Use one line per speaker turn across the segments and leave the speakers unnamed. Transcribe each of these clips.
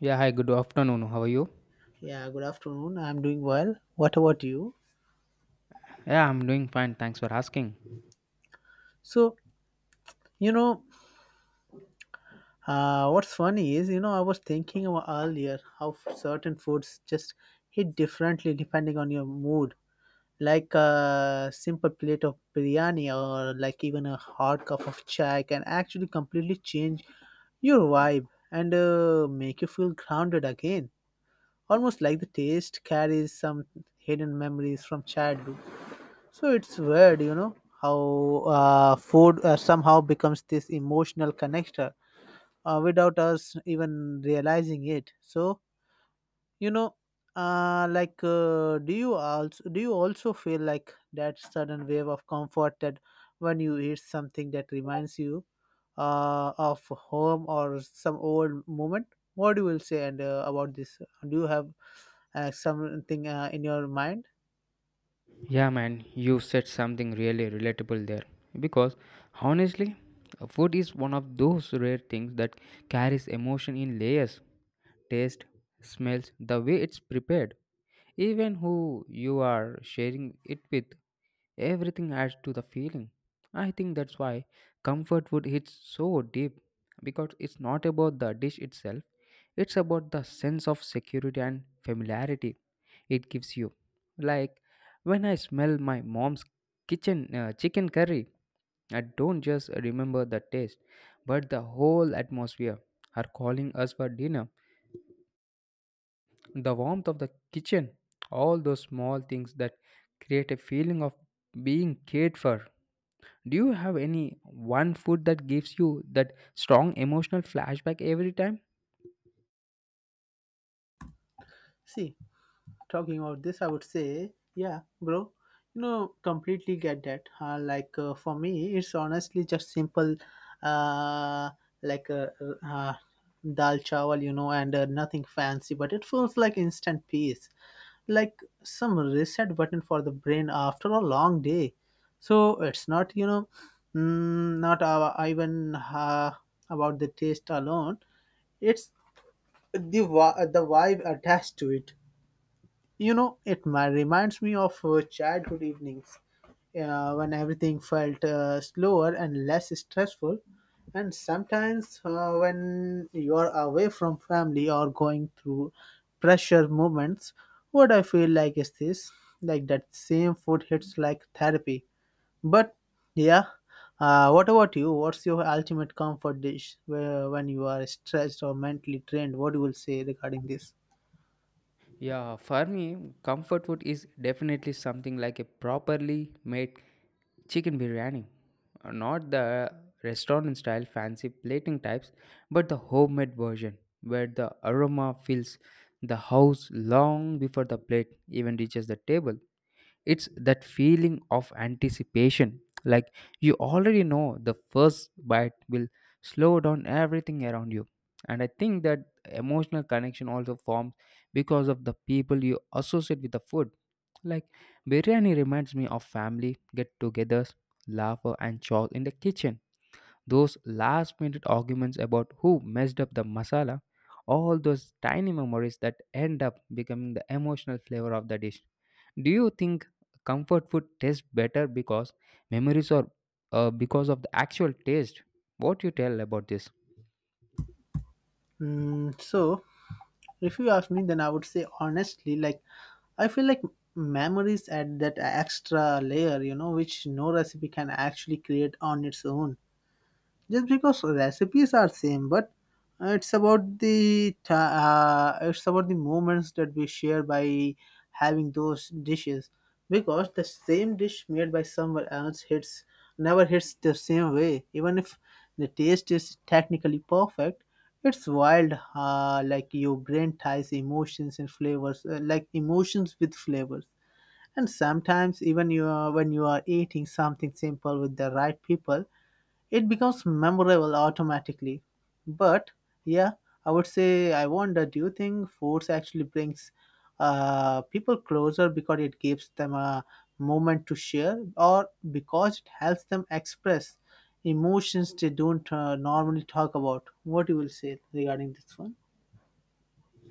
Yeah, hi, good afternoon. How are you?
Yeah, good afternoon. I'm doing well. What about you?
Yeah, I'm doing fine. Thanks for asking.
So, you know, what's funny is, I was thinking about earlier how certain foods just hit differently depending on your mood. Like a simple plate of biryani or like even a hot cup of chai can actually completely change your vibe and make you feel grounded again. Almost like the taste carries some hidden memories from childhood. So it's weird, how food somehow becomes this emotional connector without us even realizing it. So you know, like, do you also feel like that sudden wave of comfort that when you eat something that reminds you of home or some old moment? What do you will say and about this? Do you have something in your mind?
Yeah, man, you said something really relatable there. Because honestly, food is one of those rare things that carries emotion in layers taste, smells, the way it's prepared. Even who you are sharing it with, everything adds to the feeling. I think that's why comfort food hits so deep because it's not about the dish itself, it's about the sense of security and familiarity it gives you. Like when I smell my mom's kitchen chicken curry, I don't just remember the taste, but the whole atmosphere, her calling us for dinner the warmth of the kitchen, all those small things that create a feeling of being cared for. Do you have any one food that gives you that strong emotional flashback every time?
See. Talking about this, I would say, yeah, bro, completely get that. For me, it's honestly just simple, uh, like uh, uh, uh, dal chawal, and nothing fancy, but it feels like instant peace, like some reset button for the brain after a long day. So it's not, not even about the taste alone. It's the vibe attached to it. It reminds me of childhood evenings when everything felt slower and less stressful. And sometimes when you're away from family or going through pressure moments, what I feel like is this, like that same food hits like therapy. But yeah, what about you? What's your ultimate comfort dish where, when you are stressed or mentally drained? What you will say regarding this?
Yeah, for me, comfort food is definitely something like a properly made chicken biryani. Not the restaurant style fancy plating types, but the homemade version where the aroma fills the house long before the plate even reaches the table. It's that feeling of anticipation, like you already know the first bite will slow down everything around you. And I think that emotional connection also forms because of the people you associate with the food like biryani reminds me of family get-togethers, laughter and chores in the kitchen. Those last-minute arguments about who messed up the masala, all those tiny memories that end up becoming the emotional flavor of the dish. Do you think comfort food tastes better because memories or because of the actual taste? What you tell about this?
Mm, so, If you ask me, then I would say honestly, like I feel like memories add that extra layer, you know, which no recipe can actually create on its own, just because recipes are same but uh, it's about the ti it's about the moments that we share by having those dishes, because the same dish made by someone else hits never hits the same way even if the taste is technically perfect. It's wild, like your brain ties emotions with flavors, and sometimes even when you are eating something simple with the right people, it becomes memorable automatically. But yeah, I would say, I wonder, do you think force actually brings people closer because it gives them a moment to share, or because it helps them express emotions they don't normally talk about? What you will say regarding this one?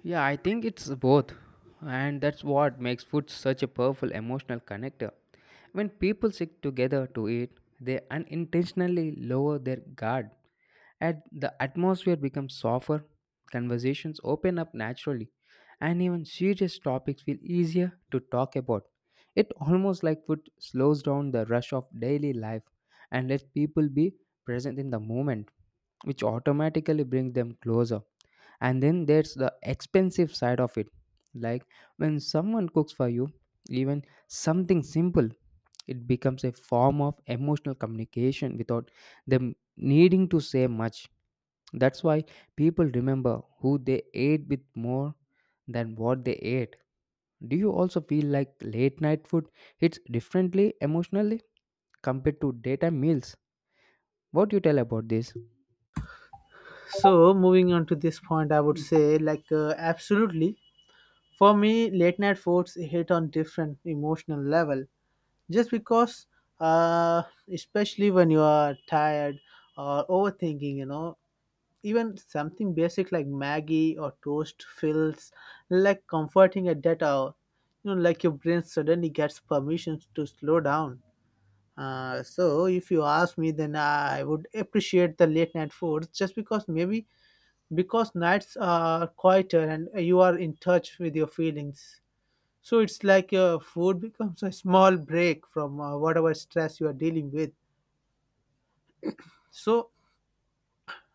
Yeah, I think it's both, and that's what makes food such a powerful emotional connector. When people sit together to eat, they unintentionally lower their guard, and the atmosphere becomes softer, conversations open up naturally, and even serious topics feel easier to talk about. It almost like food slows down the rush of daily life and lets people be present in the moment, which automatically brings them closer. And then there's the expensive side of it. Like when someone cooks for you, even something simple it becomes a form of emotional communication without them needing to say much. That's why people remember who they ate with more than what they ate. Do you also feel like late night food hits differently emotionally compared to daytime meals? What do you tell about this?
So moving on to this point, I would say, like absolutely. For me, late night foods hit on different emotional level, just because uh, especially when you are tired or overthinking, you know, even something basic like maggie or toast feels like comforting at that hour. You know, like your brain suddenly gets permission to slow down. So if you ask me, then I would appreciate the late night foods, just because maybe because nights are quieter and you are in touch with your feelings. So it's like food becomes a small break from whatever stress you are dealing with. So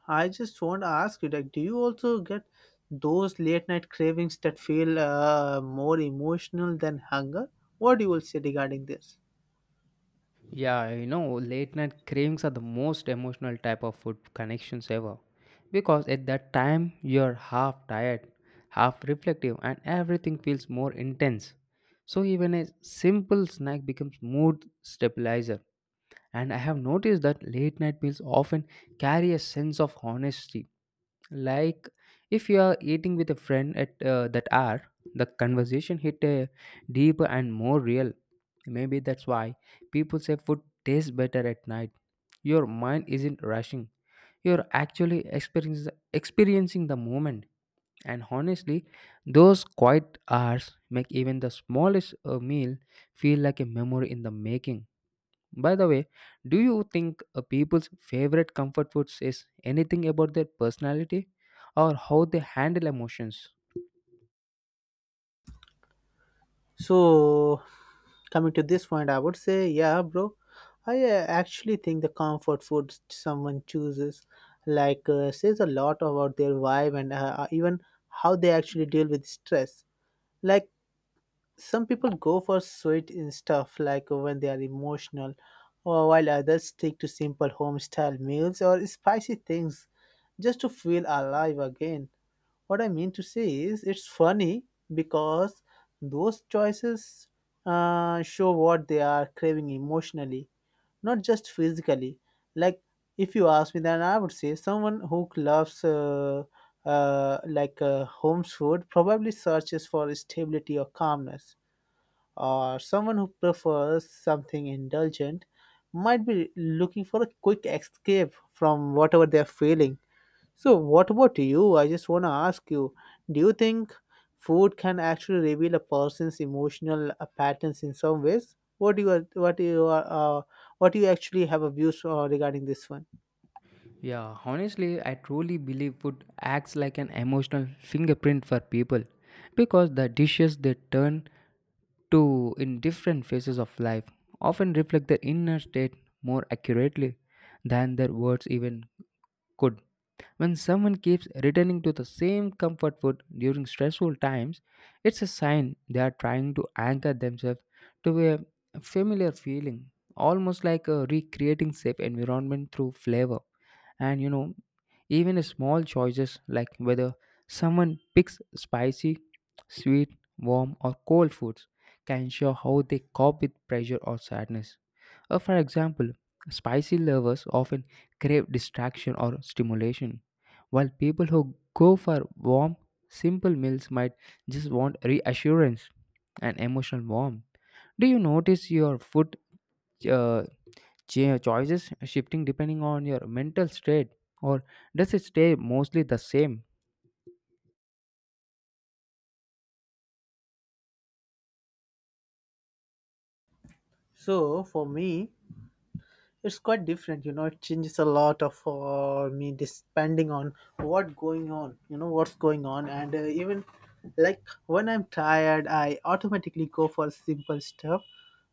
I just want to ask you, like, do you also get those late night cravings that feel more emotional than hunger? What you will say regarding this?
Yeah, you know, late night cravings are the most emotional type of food connections ever. Because at that time, you're half tired, half reflective, and everything feels more intense. So even a simple snack becomes mood stabilizer. And I have noticed that late night meals often carry a sense of honesty. Like if you are eating with a friend at that hour, the conversation hit a deeper and more real Maybe that's why people say food tastes better at night. Your mind isn't rushing. You're actually experience, experiencing the moment. And honestly, those quiet hours make even the smallest meal feel like a memory in the making. By the way, do you think people's favorite comfort food says anything about their personality or how they handle emotions?
So coming to this point, I would say, yeah, bro. I actually think the comfort food someone chooses, like, says a lot about their vibe and even how they actually deal with stress. Like some people go for sweet in stuff like when they are emotional, or while others stick to simple home style meals or spicy things just to feel alive again. What I mean to say is, it's funny because those choices show what they are craving emotionally, not just physically. Like, if you ask me, then I would say someone who loves home food probably searches for stability or calmness, or someone who prefers something indulgent might be looking for a quick escape from whatever they're feeling. So, what about you? I just want to ask you, do you think food can actually reveal a person's emotional patterns in some ways? What do you what do you what do you actually have a views regarding this one?
Yeah, honestly, I truly believe food acts like an emotional fingerprint for people because the dishes they turn to in different phases of life often reflect their inner state more accurately than their words even could. When someone keeps returning to the same comfort food during stressful times, it's a sign they are trying to anchor themselves to a familiar feeling, almost like recreating safe environment through flavor. And you know, even small choices like whether someone picks spicy, sweet, warm, or cold foods can show how they cope with pressure or sadness. For example, spicy lovers often crave distraction or stimulation, while people who go for warm, simple meals might just want reassurance and emotional warmth. Do you notice your food uh, choices shifting depending on your mental state or does it stay mostly the same?
So for me, it's quite different, you know, it changes a lot of for me depending on what's going on, and even like when I'm tired I automatically go for simple stuff.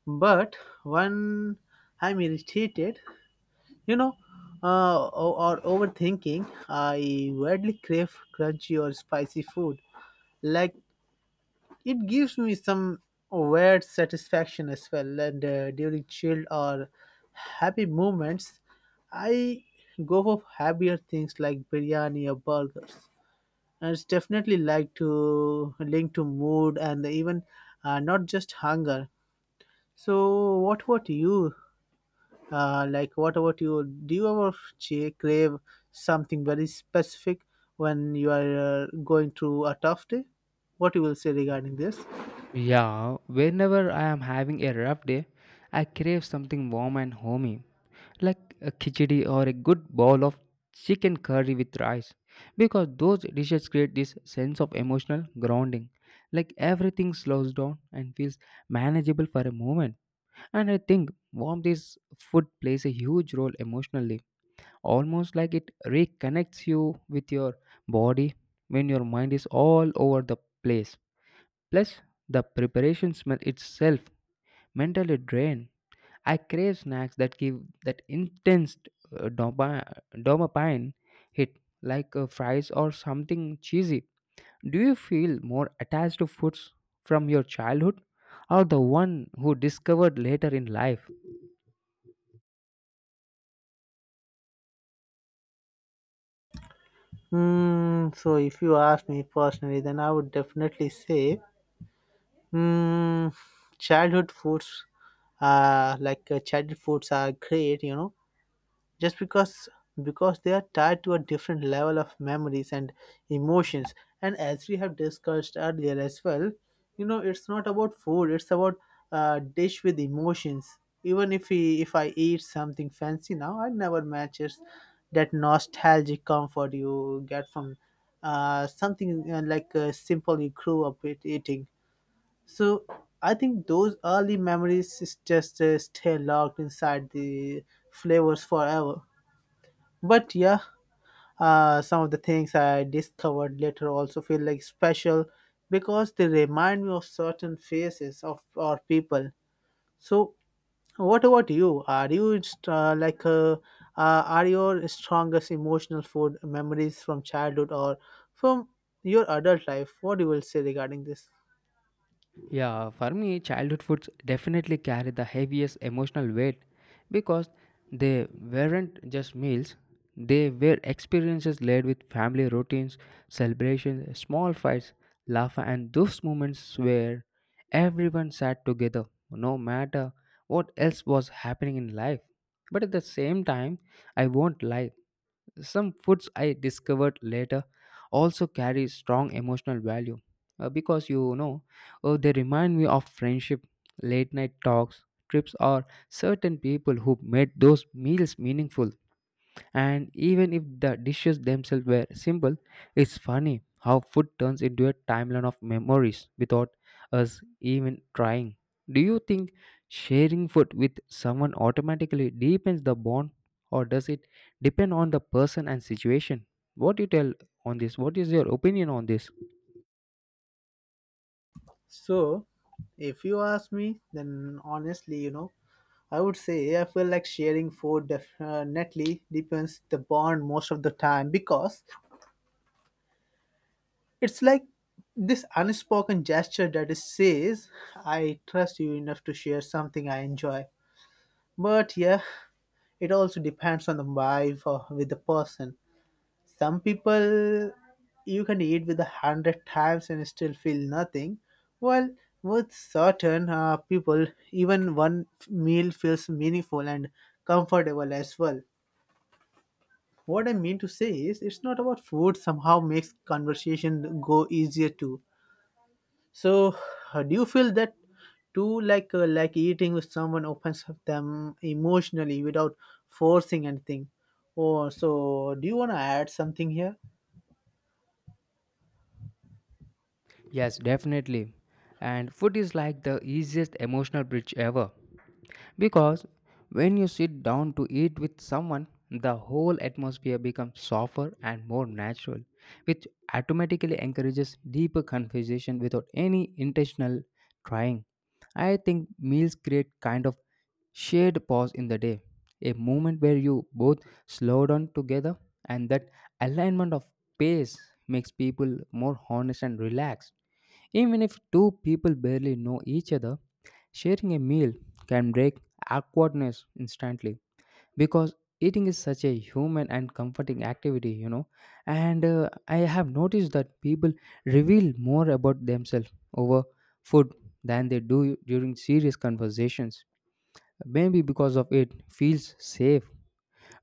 But when I'm irritated, you know, or overthinking, I rarely crave crunchy or spicy food. Like it gives me some weird satisfaction as well. And during chill or happy moments, I go for happier things like biryani or burgers. And it's definitely like to link to mood and even not just hunger. So, what about you? What about you? Do you ever crave something very specific when you are going through a tough day? What you will say regarding this?
Yeah, whenever I am having a rough day, I crave something warm and homey, like a khichdi or a good bowl of chicken curry with rice, because those dishes create this sense of emotional grounding, like everything slows down and feels manageable for a moment. And I think warm this food plays a huge role emotionally, almost like it reconnects you with your body when your mind is all over the place. Plus, the preparation smell itself mentally drain. I crave snacks that give that intense dopamine hit, like fries or something cheesy. Do you feel more attached to foods from your childhood or the one who discovered later in life?
If you ask me personally, then I would definitely say, hmm, childhood foods. Childhood foods are great, you know, just because they are tied to a different level of memories and emotions. And as we have discussed earlier as well, you know, it's not about food, it's about a dish with emotions. Even if I eat something fancy now, I never matches that nostalgic comfort you get from something like simple you grew up with eating. So I think those early memories is just stay locked inside the flavors forever. But yeah, some of the things I discovered later also feel like special, because they remind me of certain faces of our people. So, what about you? Are your strongest emotional food memories from childhood or from your adult life? What you will say regarding this?
Yeah, for me, childhood foods definitely carry the heaviest emotional weight because they weren't just meals, they were experiences laid with family routines, celebrations, small fights, laughter, and those moments where everyone sat together, no matter what else was happening in life. But at the same time, I won't lie, some foods I discovered later also carry strong emotional value because you know they remind me of friendship, late night talks, trips, or certain people who made those meals meaningful. And even if the dishes themselves were simple, it's funny how food turns into a timeline of memories without us even trying. Do you think sharing food with someone automatically deepens the bond, or does it depend on the person and situation? What do you tell on this? What is your opinion on this?
So, if you ask me, then honestly, you know, I would say I feel like sharing food definitely depends the bond most of the time, because it's like this unspoken gesture that is says I trust you enough to share something I enjoy. But yeah, it also depends on the vibe or with the person. Some people you can eat with a hundred times and still feel nothing. Well, with certain people, even one meal feels meaningful and comfortable as well. What I mean to say is, it's not about food somehow makes conversation go easier too. So, do you feel that too, like eating with someone opens up them emotionally without forcing anything? Or so, do you want to add something here?
Yes, definitely. And food is like the easiest emotional bridge ever. Because when you sit down to eat with someone, the whole atmosphere becomes softer and more natural, which automatically encourages deeper conversation without any intentional trying. I think meals create kind of shared pause in the day, a moment where you both slow down together, and that alignment of pace makes people more honest and relaxed. Even if two people barely know each other, sharing a meal can break awkwardness instantly because eating is such a human and comforting activity, you know. And I have noticed that people reveal more about themselves over food than they do during serious conversations. Maybe because of it feels safe.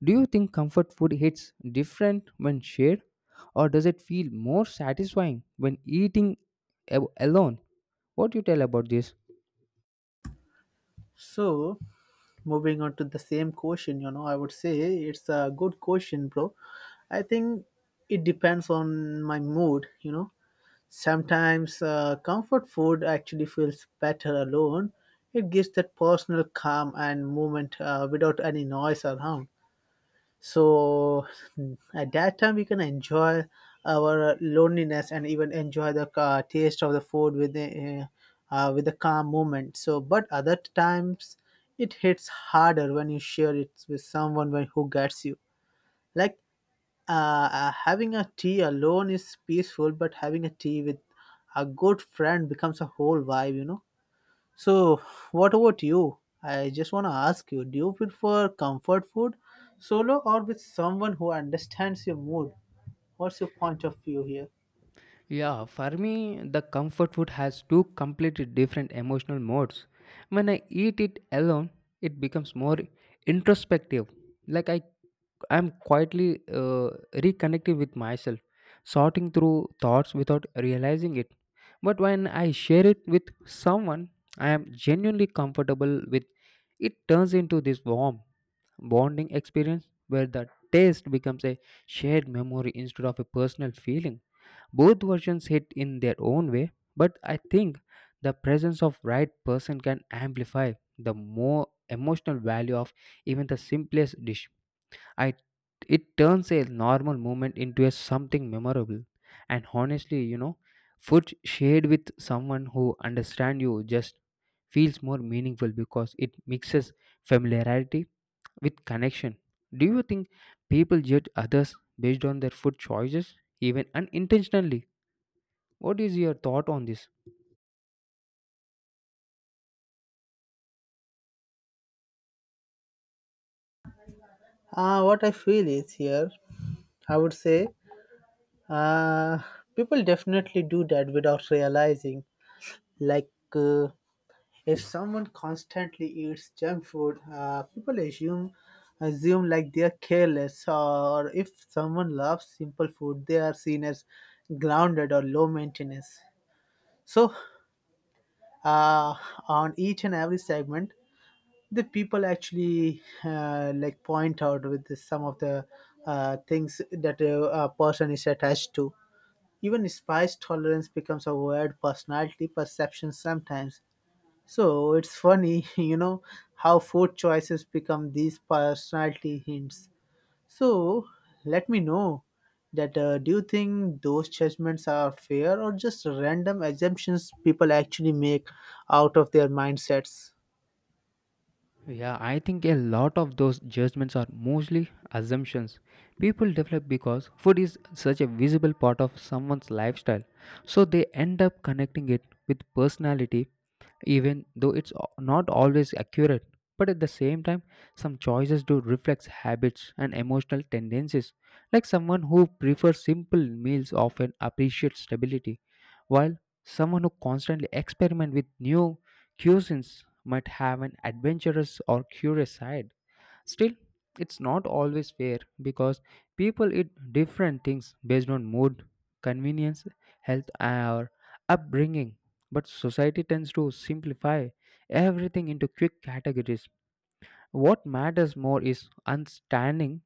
Do you think comfort food hits different when shared, or does it feel more satisfying when eating alone? What do you tell about this?
So, moving on to the same question, you know, I would say it's a good question, bro. I think it depends on my mood, you know. Sometimes comfort food actually feels better alone. It gives that personal calm and movement without any noise around. So at that time, we can enjoy our loneliness and even enjoy the taste of the food with the calm moment. So, but other times, it hits harder when you share it with someone who gets you. Like having a tea alone is peaceful, but having a tea with a good friend becomes a whole vibe, you know. So, what about you? I just want to ask you, do you prefer comfort food solo or with someone who understands your mood? What's your point of view here?
Yeah, for me, the comfort food has two completely different emotional modes. When I eat it alone, it becomes more introspective. Like I, I'm quietly reconnecting with myself, sorting through thoughts without realizing it. But when I share it with someone, I am genuinely comfortable with. It turns into this warm bonding experience where the taste becomes a shared memory instead of a personal feeling. Both versions hit in their own way, but I think the presence of right person can amplify the more emotional value of even the simplest dish. I it turns a normal moment into a something memorable. And honestly, you know, food shared with someone who understands you just feels more meaningful because it mixes familiarity with connection. Do you think people judge others based on their food choices, even unintentionally? What is your thought on this?
What I feel is here, I would say, uh, people definitely do that without realizing. Like, uh, if someone constantly eats junk food, people assume like they are careless, or if someone loves simple food, they are seen as grounded or low maintenance. So, uh, on each and every segment, the people actually like point out with some of the things that a person is attached to. Even spice tolerance becomes a weird personality perception sometimes. So it's funny, you know, how food choices become these personality hints. So let me know that do you think those judgments are fair or just random assumptions people actually make out of their mindsets?
Yeah, I think a lot of those judgments are mostly assumptions people develop because food is such a visible part of someone's lifestyle. So they end up connecting it with personality, even though it's not always accurate. But at the same time, some choices do reflect habits and emotional tendencies. Like someone who prefers simple meals often appreciates stability, while someone who constantly experiment with new cuisines might have an adventurous or curious side. Still, it's not always fair because people eat different things based on mood, convenience, health, or upbringing. But society tends to simplify everything into quick categories. What matters more is understanding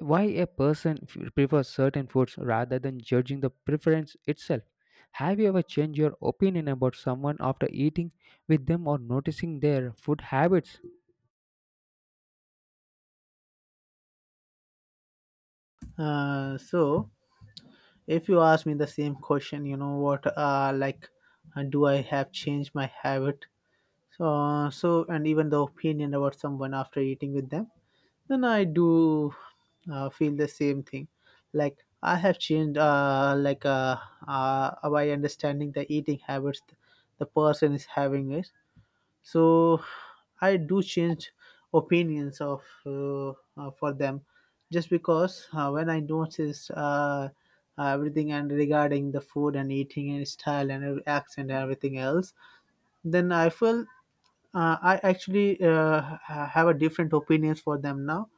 why a person prefers certain foods rather than judging the preference itself? Have you ever changed your opinion about someone after eating with them or noticing their food habits?
Uh, so if you ask me the same question, you know, what do I have changed my habit? So, so and even the opinion about someone after eating with them? Then I do feel the same thing. Like I have changed, by understanding the eating habits the person is having is. So I do change opinions of for them, just because when I notice everything and regarding the food and eating and style and every accent and everything else. Then I feel I actually have a different opinions for them now.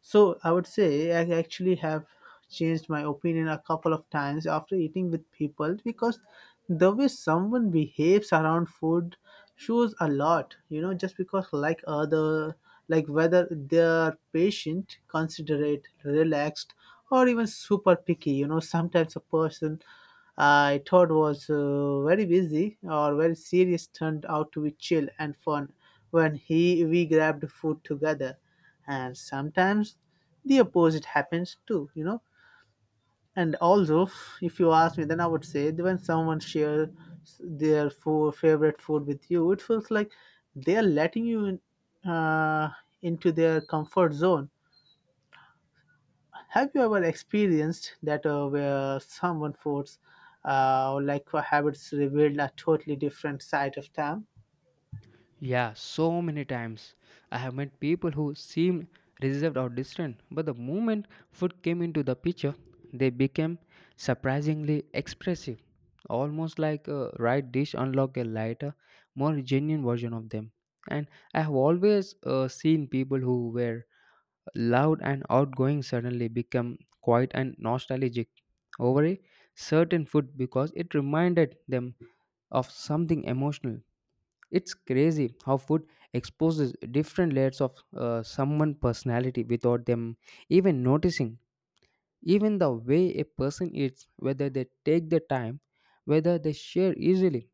So I would say I actually have changed my opinion a couple of times after eating with people, because the way someone behaves around food shows a lot, just because like whether they are patient, considerate, relaxed, or even super picky. Sometimes a person I thought was very busy or very serious turned out to be chill and fun when he we grabbed food together, and sometimes the opposite happens too. And also, if you ask me, then I would say that when someone shares their food, favorite food with you, it feels like they are letting you in, into their comfort zone. Have you ever experienced that, where someone foods habits revealed a totally different side of them?
Yeah, so many times. I have met people who seemed reserved or distant, but the moment food came into the picture, they became surprisingly expressive, almost like a right dish unlocked a lighter, more genuine version of them. And I have always seen people who were loud and outgoing suddenly become quiet and nostalgic over a certain food because it reminded them of something emotional. It's crazy how food exposes different layers of someone's personality without them even noticing. Even the way a person eats, whether they take the time, whether they share easily,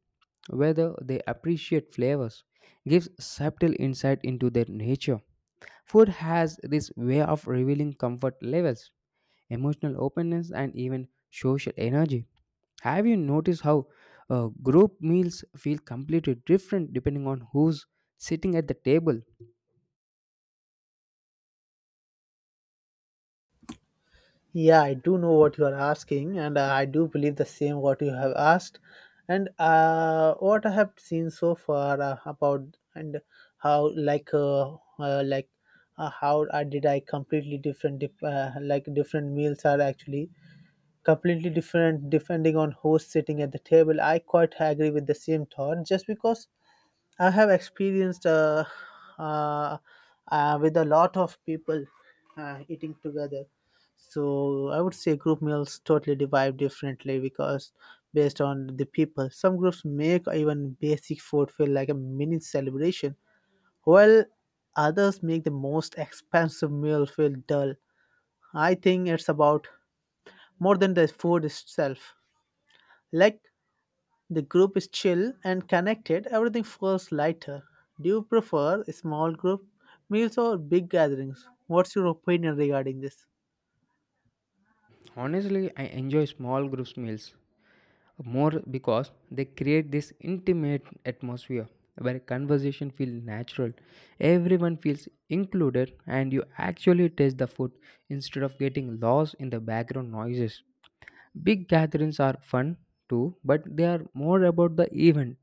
whether they appreciate flavors, gives subtle insight into their nature. Food has this way of revealing comfort levels emotional openness, and even social energy. Have you noticed how group meals feel completely different depending on who's sitting at the table?
Yeah, I do know what you are asking, and I do believe the same what you have asked, and what I have seen so far about, and how uh, like how I completely different dif- like different meals are actually completely different depending on who's sitting at the table. I quite agree with the same thought, just because I have experienced uh, with a lot of people eating together. So I would say group meals totally divide differently because, based on the people. Some groups make even basic food feel like a mini celebration, while others make the most expensive meal feel dull. I think it's about more than the food itself. Like the group is chill and connected, everything feels lighter. Do you prefer small group meals or big gatherings? What's your opinion regarding this?
Honestly, I enjoy small groups meals more because they create this intimate atmosphere where conversation feels natural. Everyone feels included and you actually taste the food instead of getting lost in the background noises. Big gatherings are fun too, but they are more about the event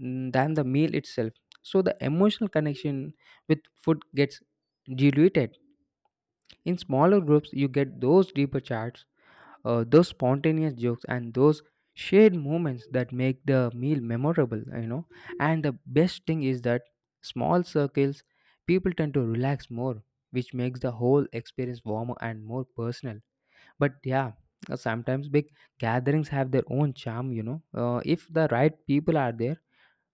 than the meal itself. So the emotional connection with food gets diluted. In smaller groups, you get those deeper chats, those spontaneous jokes, and those shared moments that make the meal memorable. You know, and the best thing is that small circles, people tend to relax more, which makes the whole experience warmer and more personal. But yeah. Sometimes big gatherings have their own charm, you know. If the right people are there,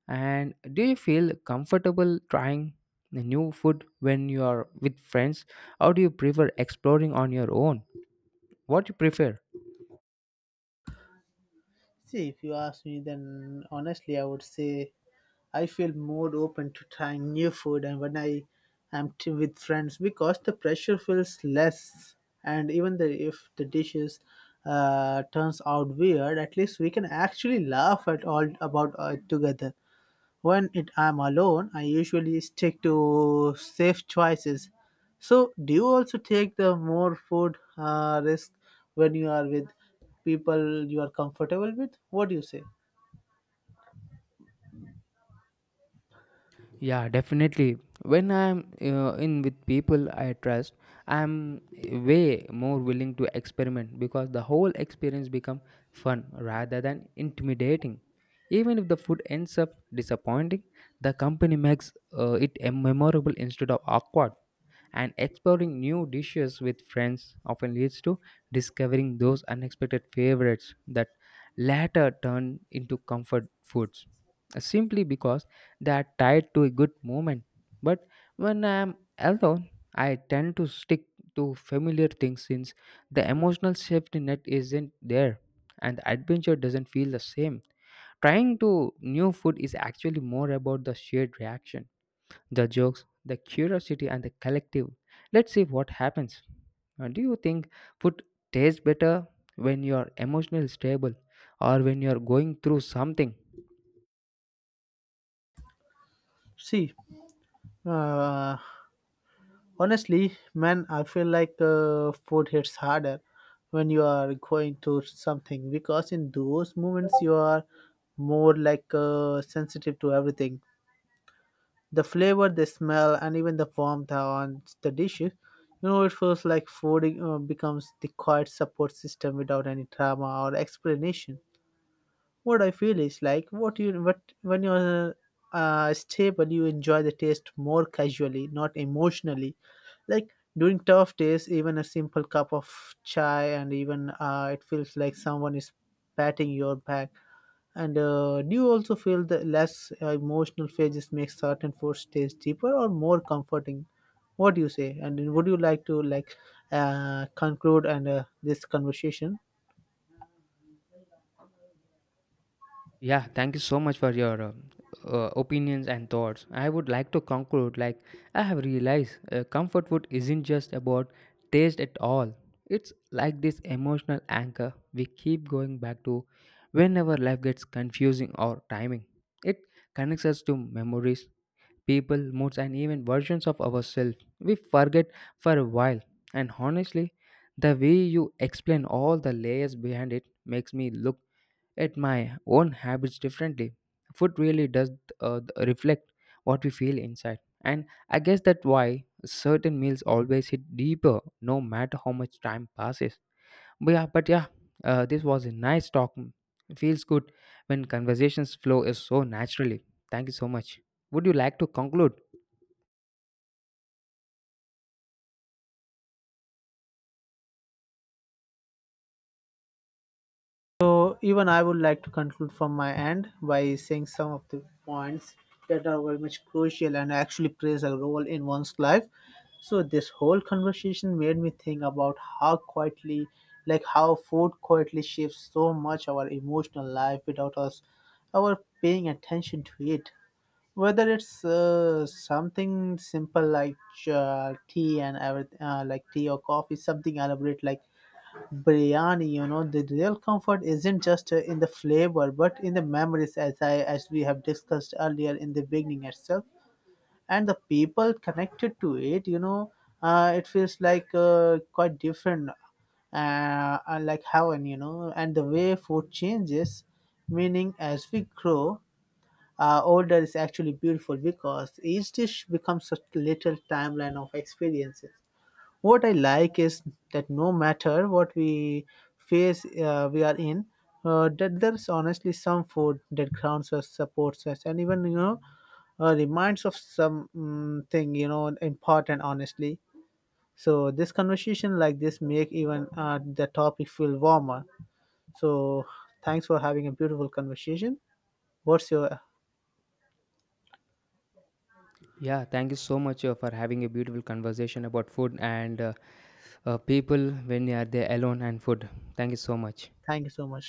and do you feel comfortable trying the new food when you are with friends, or do you prefer exploring on your own? What you prefer?
See, if you ask me, then honestly, I would say I feel more open to trying new food and when I am with friends, because the pressure feels less. And even the, if the dishes turns out weird, at least we can actually laugh at all about it together. When it, I'm alone, I usually stick to safe choices. So, do you also take the more food risk when you are with people you are comfortable with? What do you say?
Yeah, definitely. When I'm in with people I trust, I'm way more willing to experiment because the whole experience become fun rather than intimidating. Even if the food ends up disappointing, the company makes it a memorable instead of awkward and exploring new dishes with friends often leads to discovering those unexpected favorites that later turn into comfort foods simply because they are tied to a good moment but when I am alone I tend to stick to familiar things since the emotional safety net isn't there and the adventure doesn't feel the same trying to new food is actually more about the shared reaction the jokes, the curiosity, and the collective. Let's see what happens. Do you think food tastes better when you are emotionally stable or when you are going through something?
See, uh, honestly, man, I feel like food hits harder when you are going to something, because in those moments you are more sensitive to everything. The flavor, the smell, and even the warmth on the dishes, you know, it feels like food becomes the quiet support system without any drama or explanation. What I feel is like what you what when you're stable, you enjoy the taste more casually, not emotionally. Like during tough days, even a simple cup of chai and even it feels like someone is patting your back. And do you also feel the less emotional phases make certain foods taste deeper or more comforting? What do you say? And would you like to conclude and this conversation?
Yeah, thank you so much for your opinions and thoughts. I would like to conclude like I have realized comfort food isn't just about taste at all. It's like this emotional anchor we keep going back to whenever life gets confusing or timing. It connects us to memories, people, moods, and even versions of ourselves we forget for a while. And honestly, the way you explain all the layers behind it makes me look at my own habits differently. Food really does reflect what we feel inside. And I guess that's why certain meals always hit deeper no matter how much time passes. But yeah, this was a nice talk. It feels good when conversations flow is so naturally. Thank you so much. Would you like to conclude?
So even I would like to conclude from my end by saying some of the points that are very much crucial and actually plays a role in one's life. So this whole conversation made me think about how quietly, like how food quietly shapes so much our emotional life without us, our paying attention to it. Whether it's something simple like tea and everything, like tea or coffee, something elaborate like biryani, you know, the real comfort isn't just in the flavor but in the memories, as I as we have discussed earlier in the beginning itself, and the people connected to it, you know. It feels like quite different, uh, like heaven, you know. And the way food changes meaning as we grow older is actually beautiful, because each dish becomes a little timeline of experiences. What I like is that no matter what we face we are in, that there's honestly some food that grounds us, supports us, and even, you know, reminds of some thing, you know, important. Honestly, so this conversation like this make even the topic feel warmer. So thanks for having a beautiful conversation. What's your
Yeah, thank you so much for having a beautiful conversation about food and people when they are there alone and food. Thank you so much.
thank you so much.